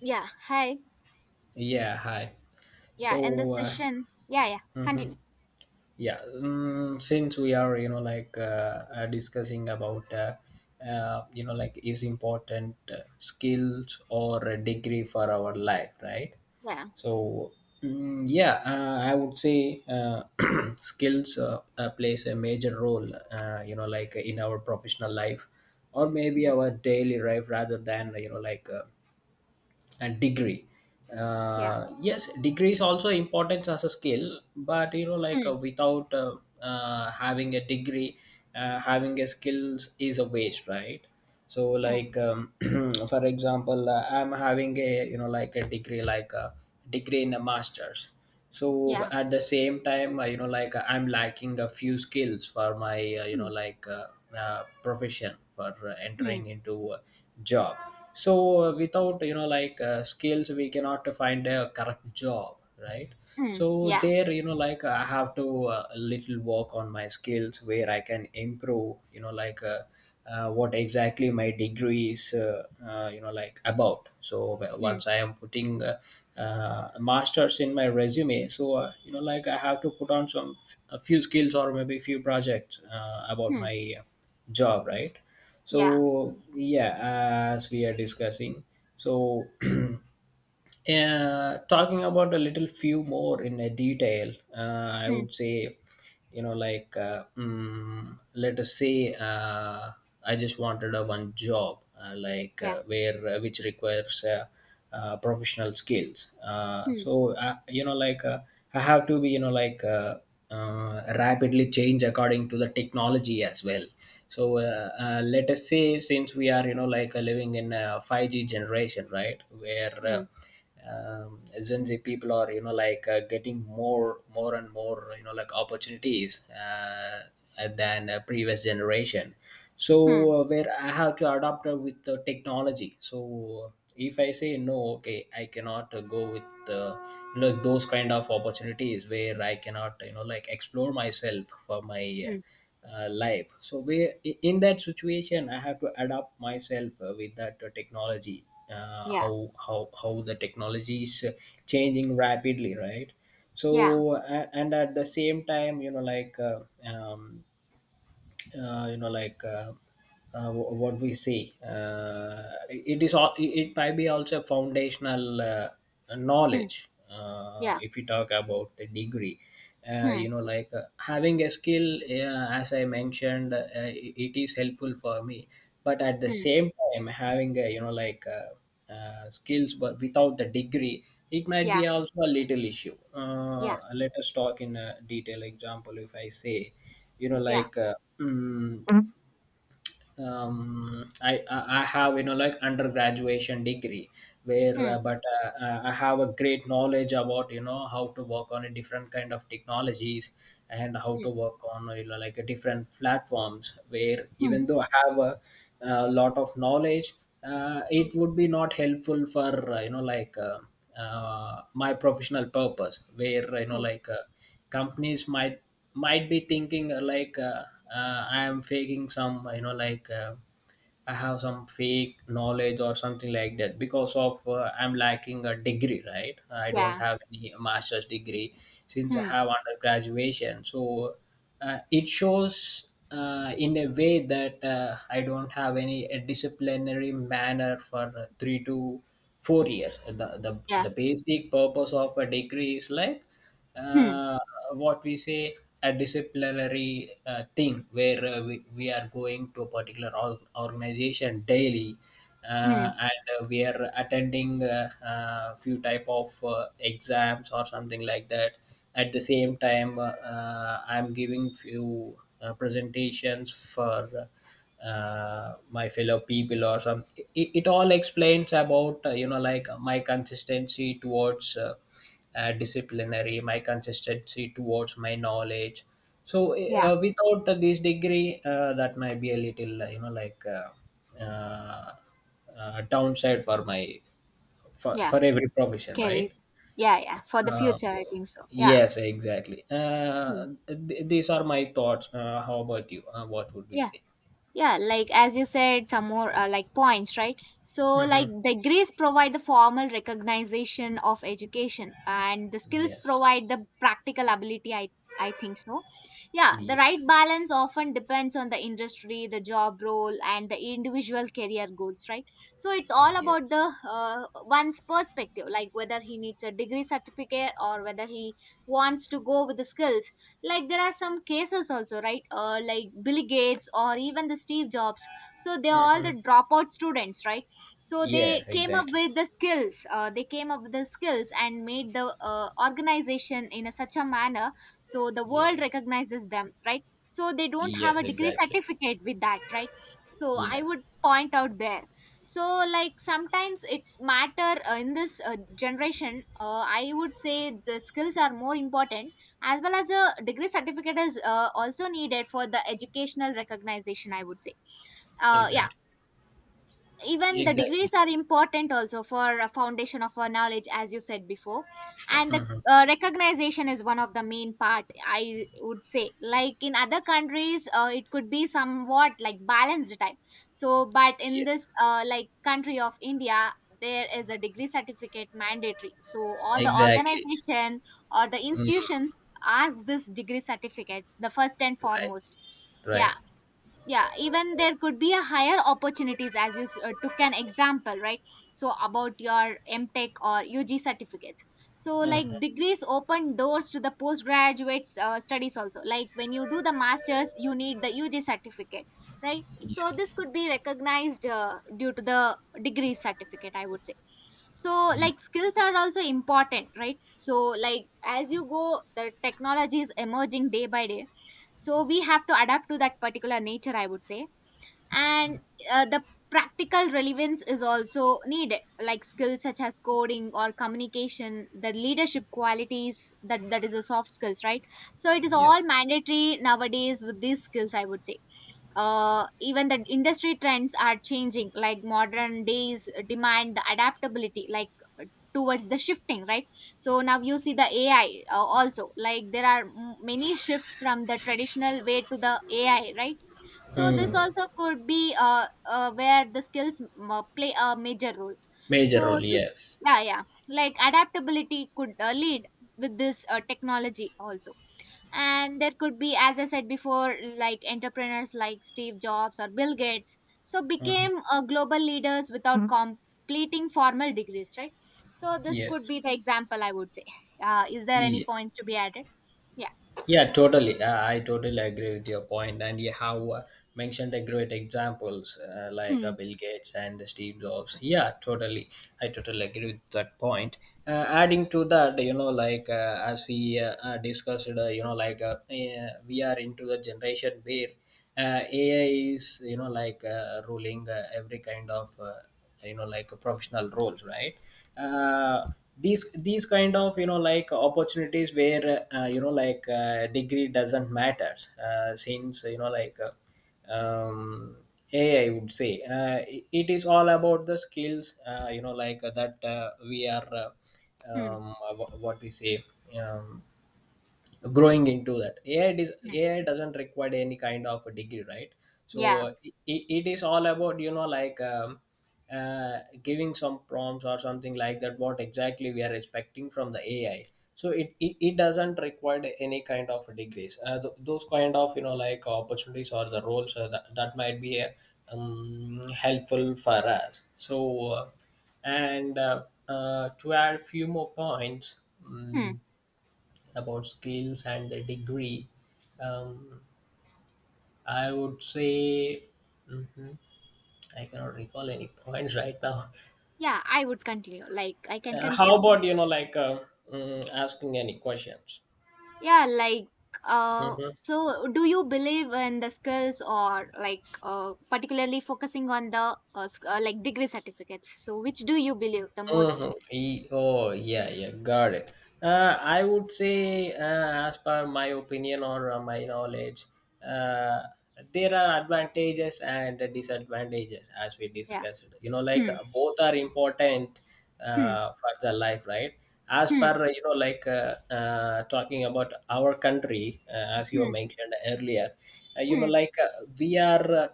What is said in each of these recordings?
Yeah. Hi. Yeah, hi. Yeah. In this So, session. Yeah. Yeah. mhm. Continue. yeah, since we are, like discussing about, like is important skills or a degree for our life, right? Yeah. So, yeah, I would say skills plays a major role, Mm, mm. like in our professional life or maybe our daily life rather than, and degree. Yeah. Yes, degree is also important as a skill, but Mm, without having a degree, having a skills is a waste, right? So mm. like for example I'm having a a degree like a degree in a masters. So Yeah. at the same time, I'm lacking a few skills for my Mm, profession for mm, entering into a job. So without skills we cannot find a correct job, right? mm. So Yeah. there, I have to little work on my skills where I can improve, what exactly my degree is about. So Mm, once I am putting a masters in my resume, so I have to put on some a few skills or maybe few projects about mm. my job, right? Yeah. So yeah, as we are discussing, so talking about a little few more in a detail, I Mm. would say, let us say I just wanted a one job Yeah. Where which requires professional skills. uh, Mm, so uh, you know like uh, I have to be, rapidly change according to the technology as well. So let us say, since we are, living in a 5G generation, right? Where mm, um, Gen Z people are, getting more and more, opportunities than previous generation. mm, So where I have to adapt with the technology. So if I say no, okay, I cannot go with those kind of opportunities where I cannot, explore myself for my. Mm. Life. So we, in that situation, I have to adapt myself with that technology. Yeah. How the technology is changing rapidly, right? Yeah. So and at the same time, um, you know like wh- what we see, it is all, it might be also foundational Mm. knowledge Yeah. if you talk about the degree. Mm, Having a skill, as I mentioned, it it is helpful for me, but at the mm. same time having a, skills but without the degree, it might Yeah. be also a little issue. Yeah. Let us talk in a detail example. If I say, you know Yeah. like uh, mm, Mm, I have, undergraduation degree where mm, but I have a great knowledge about, you know, how to work on a different kind of technologies and how to mm, work on, a different platforms. Where even mm, though I have a lot of knowledge, it mm, would be not helpful for, my professional purpose. Where, mm. Companies might be thinking I am faking some, I have some fake knowledge or something like that because of I'm lacking a degree, right? I don't Yeah. have any master's degree, since I Mm. have undergraduation. So it shows in a way that I don't have any disciplinary manner for 3 to 4 years. The, the, Yeah. the basic purpose of a degree is like Mm, uh, what we say, a disciplinary thing where we are going to a particular organization daily mm. and we are attending a few type of exams or something like that. At the same time, I'm giving few presentations for my fellow people or some. It all explains about my consistency towards disciplinary, my consistency towards my knowledge. So Yeah. Without this degree, that might be a little, downside for my, for, Yeah. for every profession, Carry. right? Yeah. Yeah. For the Uh, future, I think so. Yeah. yes, exactly. Mm. These are my thoughts. How about you? What would we Yeah. say? Yeah, like as you said, some more like points, right? So, like Hmm. degrees provide the formal recognition of education, and the skills Yes. provide the practical ability. I think so. Yeah, the right Yes. balance often depends on the industry, the job role, and the individual career goals, right? So it's all Yes. about the one's perspective, like whether he needs a degree certificate or whether he wants to go with the skills. Like there are some cases also, right? Like Bill Gates or even the Steve Jobs. So they're all Hmm. the dropout students, right? So they Yes, came up exactly. with the skills. They came up with the skills and made the organization in a, such a manner. So the world Yes. recognizes them, right? So they don't have Yes, a degree exactly. certificate with that, right? So I would Yes, point out there. So like sometimes it's matter in this generation, I would say the skills are more important, as well as a degree certificate is also needed for the educational recognition, I would say. Yeah. exactly. Even the Exactly. degrees are important also for a foundation of our knowledge, as you said before. And the Hmm. Recognition is one of the main part, I would say. Like in other countries, it could be somewhat like balanced type. So but in Yes, this like country of India, there is a degree certificate mandatory. So all the exactly. organization or the Mm, institutions ask this degree certificate the first and right, foremost. right. Yeah, yeah. Even there could be a higher opportunities, as you took an example, right? So about your MTech or ug certificates. So like Hmm. degrees open doors to the postgraduate studies also. Like when you do the masters, you need the UG certificate, right? Yeah, So this could be recognized due to the degree certificate, I would say. So yeah, like skills are also important, right? So like as you go, the technology is emerging day by day. So we have to adapt to that particular nature, I would say. And the practical relevance is also needed, like skills such as coding or communication, the leadership qualities, that is the soft skills, right? So it is yeah. all mandatory nowadays with these skills, I would say. Even the industry trends are changing, like modern days demand the adaptability, like, uh, towards the shifting, right? So now you see the AI, also. Like there are many shifts from the traditional way to the AI, right? So this Mm, also could be where the skills play a major role. major So role, this. yes. Yeah, yeah. Like adaptability could lead with this technology also. And there could be, as I said before, like entrepreneurs like Steve Jobs or Bill Gates. So Hmm. became global leaders without Mhm. completing formal degrees, right? So this Yes. could be the example, I would say. Is there any Yeah. points to be added? Yeah. Yeah, totally. I totally agree with your point, and you have mentioned a great examples, Hmm. Bill Gates and Steve Jobs. Yeah, totally. I totally agree with that point. Adding to that, as we discussed, we are into the generation where AI is, ruling every kind of. You know like professional roles, right? uh, these kind of, opportunities where, degree doesn't matters, since you know like AI I would say, it it is all about the skills, that we are Hmm. What we say, um, growing into that. Hmm. AI doesn't require any kind of a degree, right? So Yeah. It, it is all about, giving some prompts or something like that, what exactly we are expecting from the ai. So it doesn't require any kind of degrees. Those kind of, opportunities or the roles, that might be helpful for us. So and to add few more points, Hmm. About skills and the degree, um, I would say, mhm, I cannot recall any points right now. Yeah, I would continue. Like I can How continue. about, asking any questions? Yeah, like, Mm-hmm. so do you believe in the skills, or like, particularly focusing on the like degree certificates? So which do you believe the most? Mhm. Oh, yeah, yeah, got it. I would say, as per my opinion or my knowledge, uh, there are advantages and disadvantages as we Yeah. discussed. You know, like Hmm. Both are important Hmm. For the life, right? As Hmm. per, talking about our country, as you Hmm. mentioned earlier, Hmm. We are. Uh,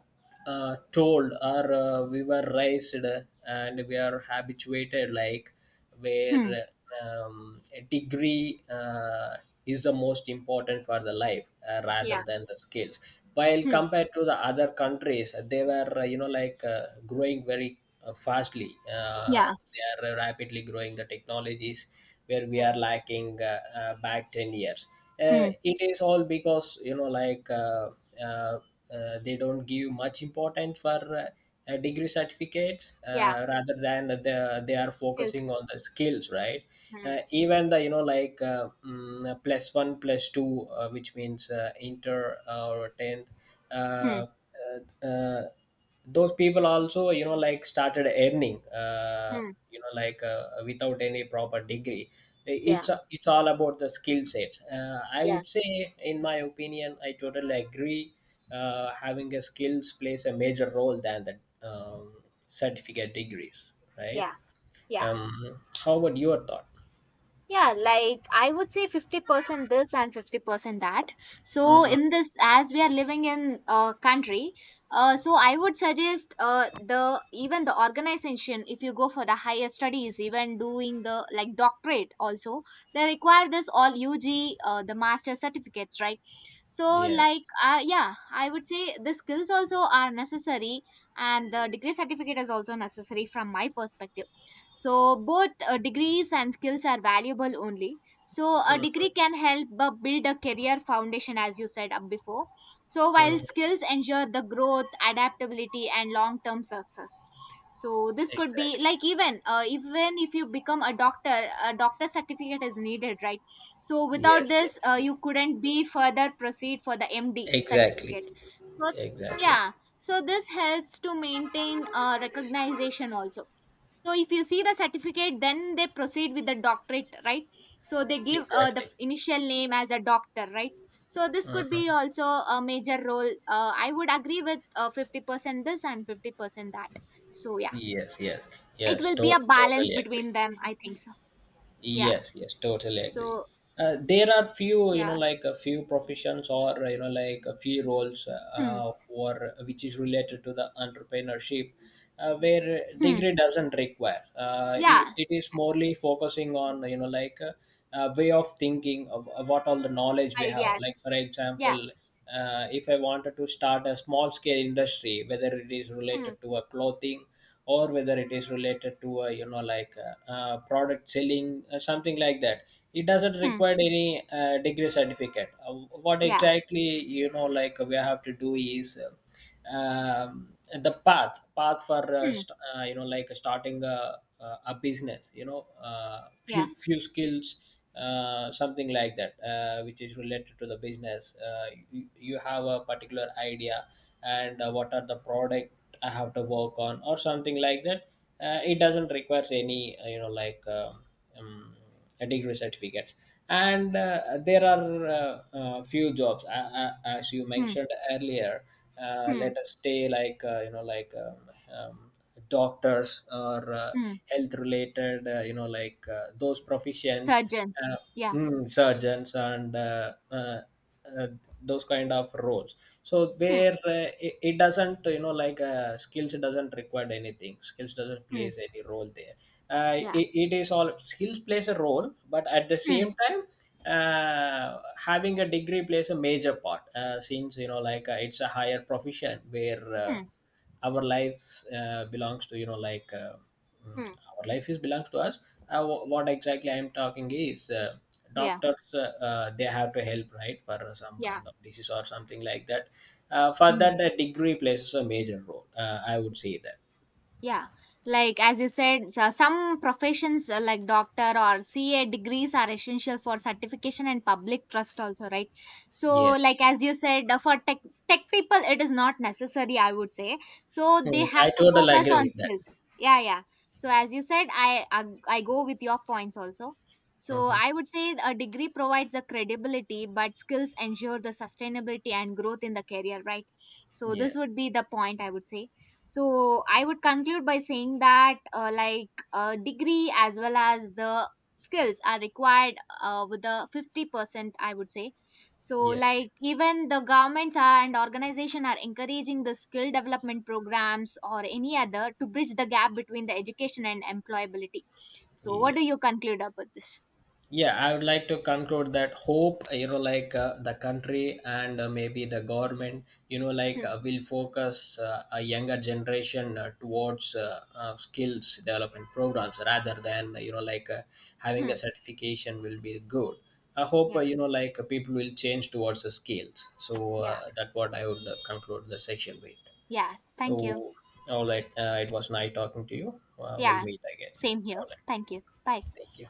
uh, Told or we were raised, and we are habituated like where Hmm. A degree is the most important for the life, Yeah. rather than the skills, while Hmm. compared to the other countries. They were, growing very fastly. Yeah. They are rapidly growing the technologies, where we Hmm. are lacking back 10 years. Hmm. It is all because, uh, they don't give much importance for degree certificates, Yeah. Rather than the, they are focusing Skills. on the skills, right? Hmm. Even the, plus one plus two, which means inter or 10th. Hmm. uh, uh, uh, those people also, started earning, Hmm. Without any proper degree. Yeah. It's all about the skill sets, I Yeah. would say. In my opinion, I totally agree, having a skills plays a major role than the, certificate degrees, right? Yeah. Yeah. um, how about your thought? Yeah, like I would say 50% this and 50% that. So, Mm-hmm. in this, as we are living in a country, so I would suggest the even the organization, if you go for the higher studies, even doing the like doctorate also, they require this all UG, the master certificates, right? So, Yes. like, yeah, I would say the skills also are necessary and the degree certificate is also necessary from my perspective. So both degrees and skills are valuable only. So a degree Mm-hmm. can help build a career foundation, as you said up before. So while skills ensure the growth, adaptability, and long-term success. So this could be Exactly. like even, even if you become a doctor certificate is needed, right? So without Yes, this, yes, you couldn't be further proceed for the MD exactly. certificate. So Exactly. yeah, so this helps to maintain recognition also. So if you see the certificate, then they proceed with the doctorate, right? So they give the Exactly. Initial name as a doctor, right? So this could be Mhm. also a major role. I would agree with 50% this and 50% that. So yeah, Yes, yes, it yes, will be a balance totally agree. between them, I think so. Yeah. Yes, yes, totally agree. So There are few, you know, yeah. like a few professions or, you know, like a few roles Hmm. Or which is related to the entrepreneurship where Hmm. degree doesn't require. It, Yeah. it is morely focusing on, you know, like a way of thinking of what all the knowledge we have. Like, Ideas. for Yeah. example, if I wanted to start a small scale industry, whether it is Hmm. related to a clothing or whether it is related to a, you know, like a product selling something like that, it doesn't Hmm. require any degree certificate. What Yeah. exactly, you know like, we have to do is. Um, the path for Hmm. You know like starting a a business, you know, Yeah. few few skills, something like that, which is related to the business. You, you have a particular idea, and what are the product I have to work on or something like that. It doesn't requires any, um, a degree certificates. And there are few jobs, as you Hmm. mentioned earlier, Hmm. let us say like, doctors or Hmm. health related, those professions. Surgeons. uh, Yeah. Surgeons and uh, those kind of roles. So Hmm. where it, it doesn't, skills doesn't require anything, skills doesn't Hmm. plays any role there. Yeah. It, it is all skills plays a role, but at the Hmm. same time uh, having a degree plays a major part, since you know like it's a higher profession where Hmm. our lives belongs to, mm, Hmm. our life is belongs to us. What exactly I'm talking is Yeah, doctors, they have to help, right? For some yeah. kind of disease or something like that, for that Mhm. the degree plays a major role, I would say that. Yeah, like as you said, so some professions, like doctor or CA degrees, are essential for certification and public trust also, right? So Yes. like as you said, for tech people, it is not necessary, I would say. So Hmm, they I have to totally focus agree on with skills. that. Yeah, yeah. So as you said, I go with your points also. So Mhm. I would say a degree provides the credibility, but skills ensure the sustainability and growth in the career, right? So Yeah. this would be the point, I would say. So I would conclude by saying that, like, degree as well as the skills are required, with the 50%, I would say. So Yes. like even the governments are, and organization are encouraging the skill development programs or any other to bridge the gap between the education and employability. So Yeah, what do you conclude about this? yeah, I would like to conclude that, hope, the country and maybe the government, Hmm, will focus a younger generation towards skills development programs rather than, having a hmm. certification will be good. I hope, Yeah, people will change towards the skills. So yeah. That's what I would conclude the section with. Yeah, So thank you. all right, it was nice talking to you. We'll Yeah, meet again. same here. All right, Thank you. Bye. thank you.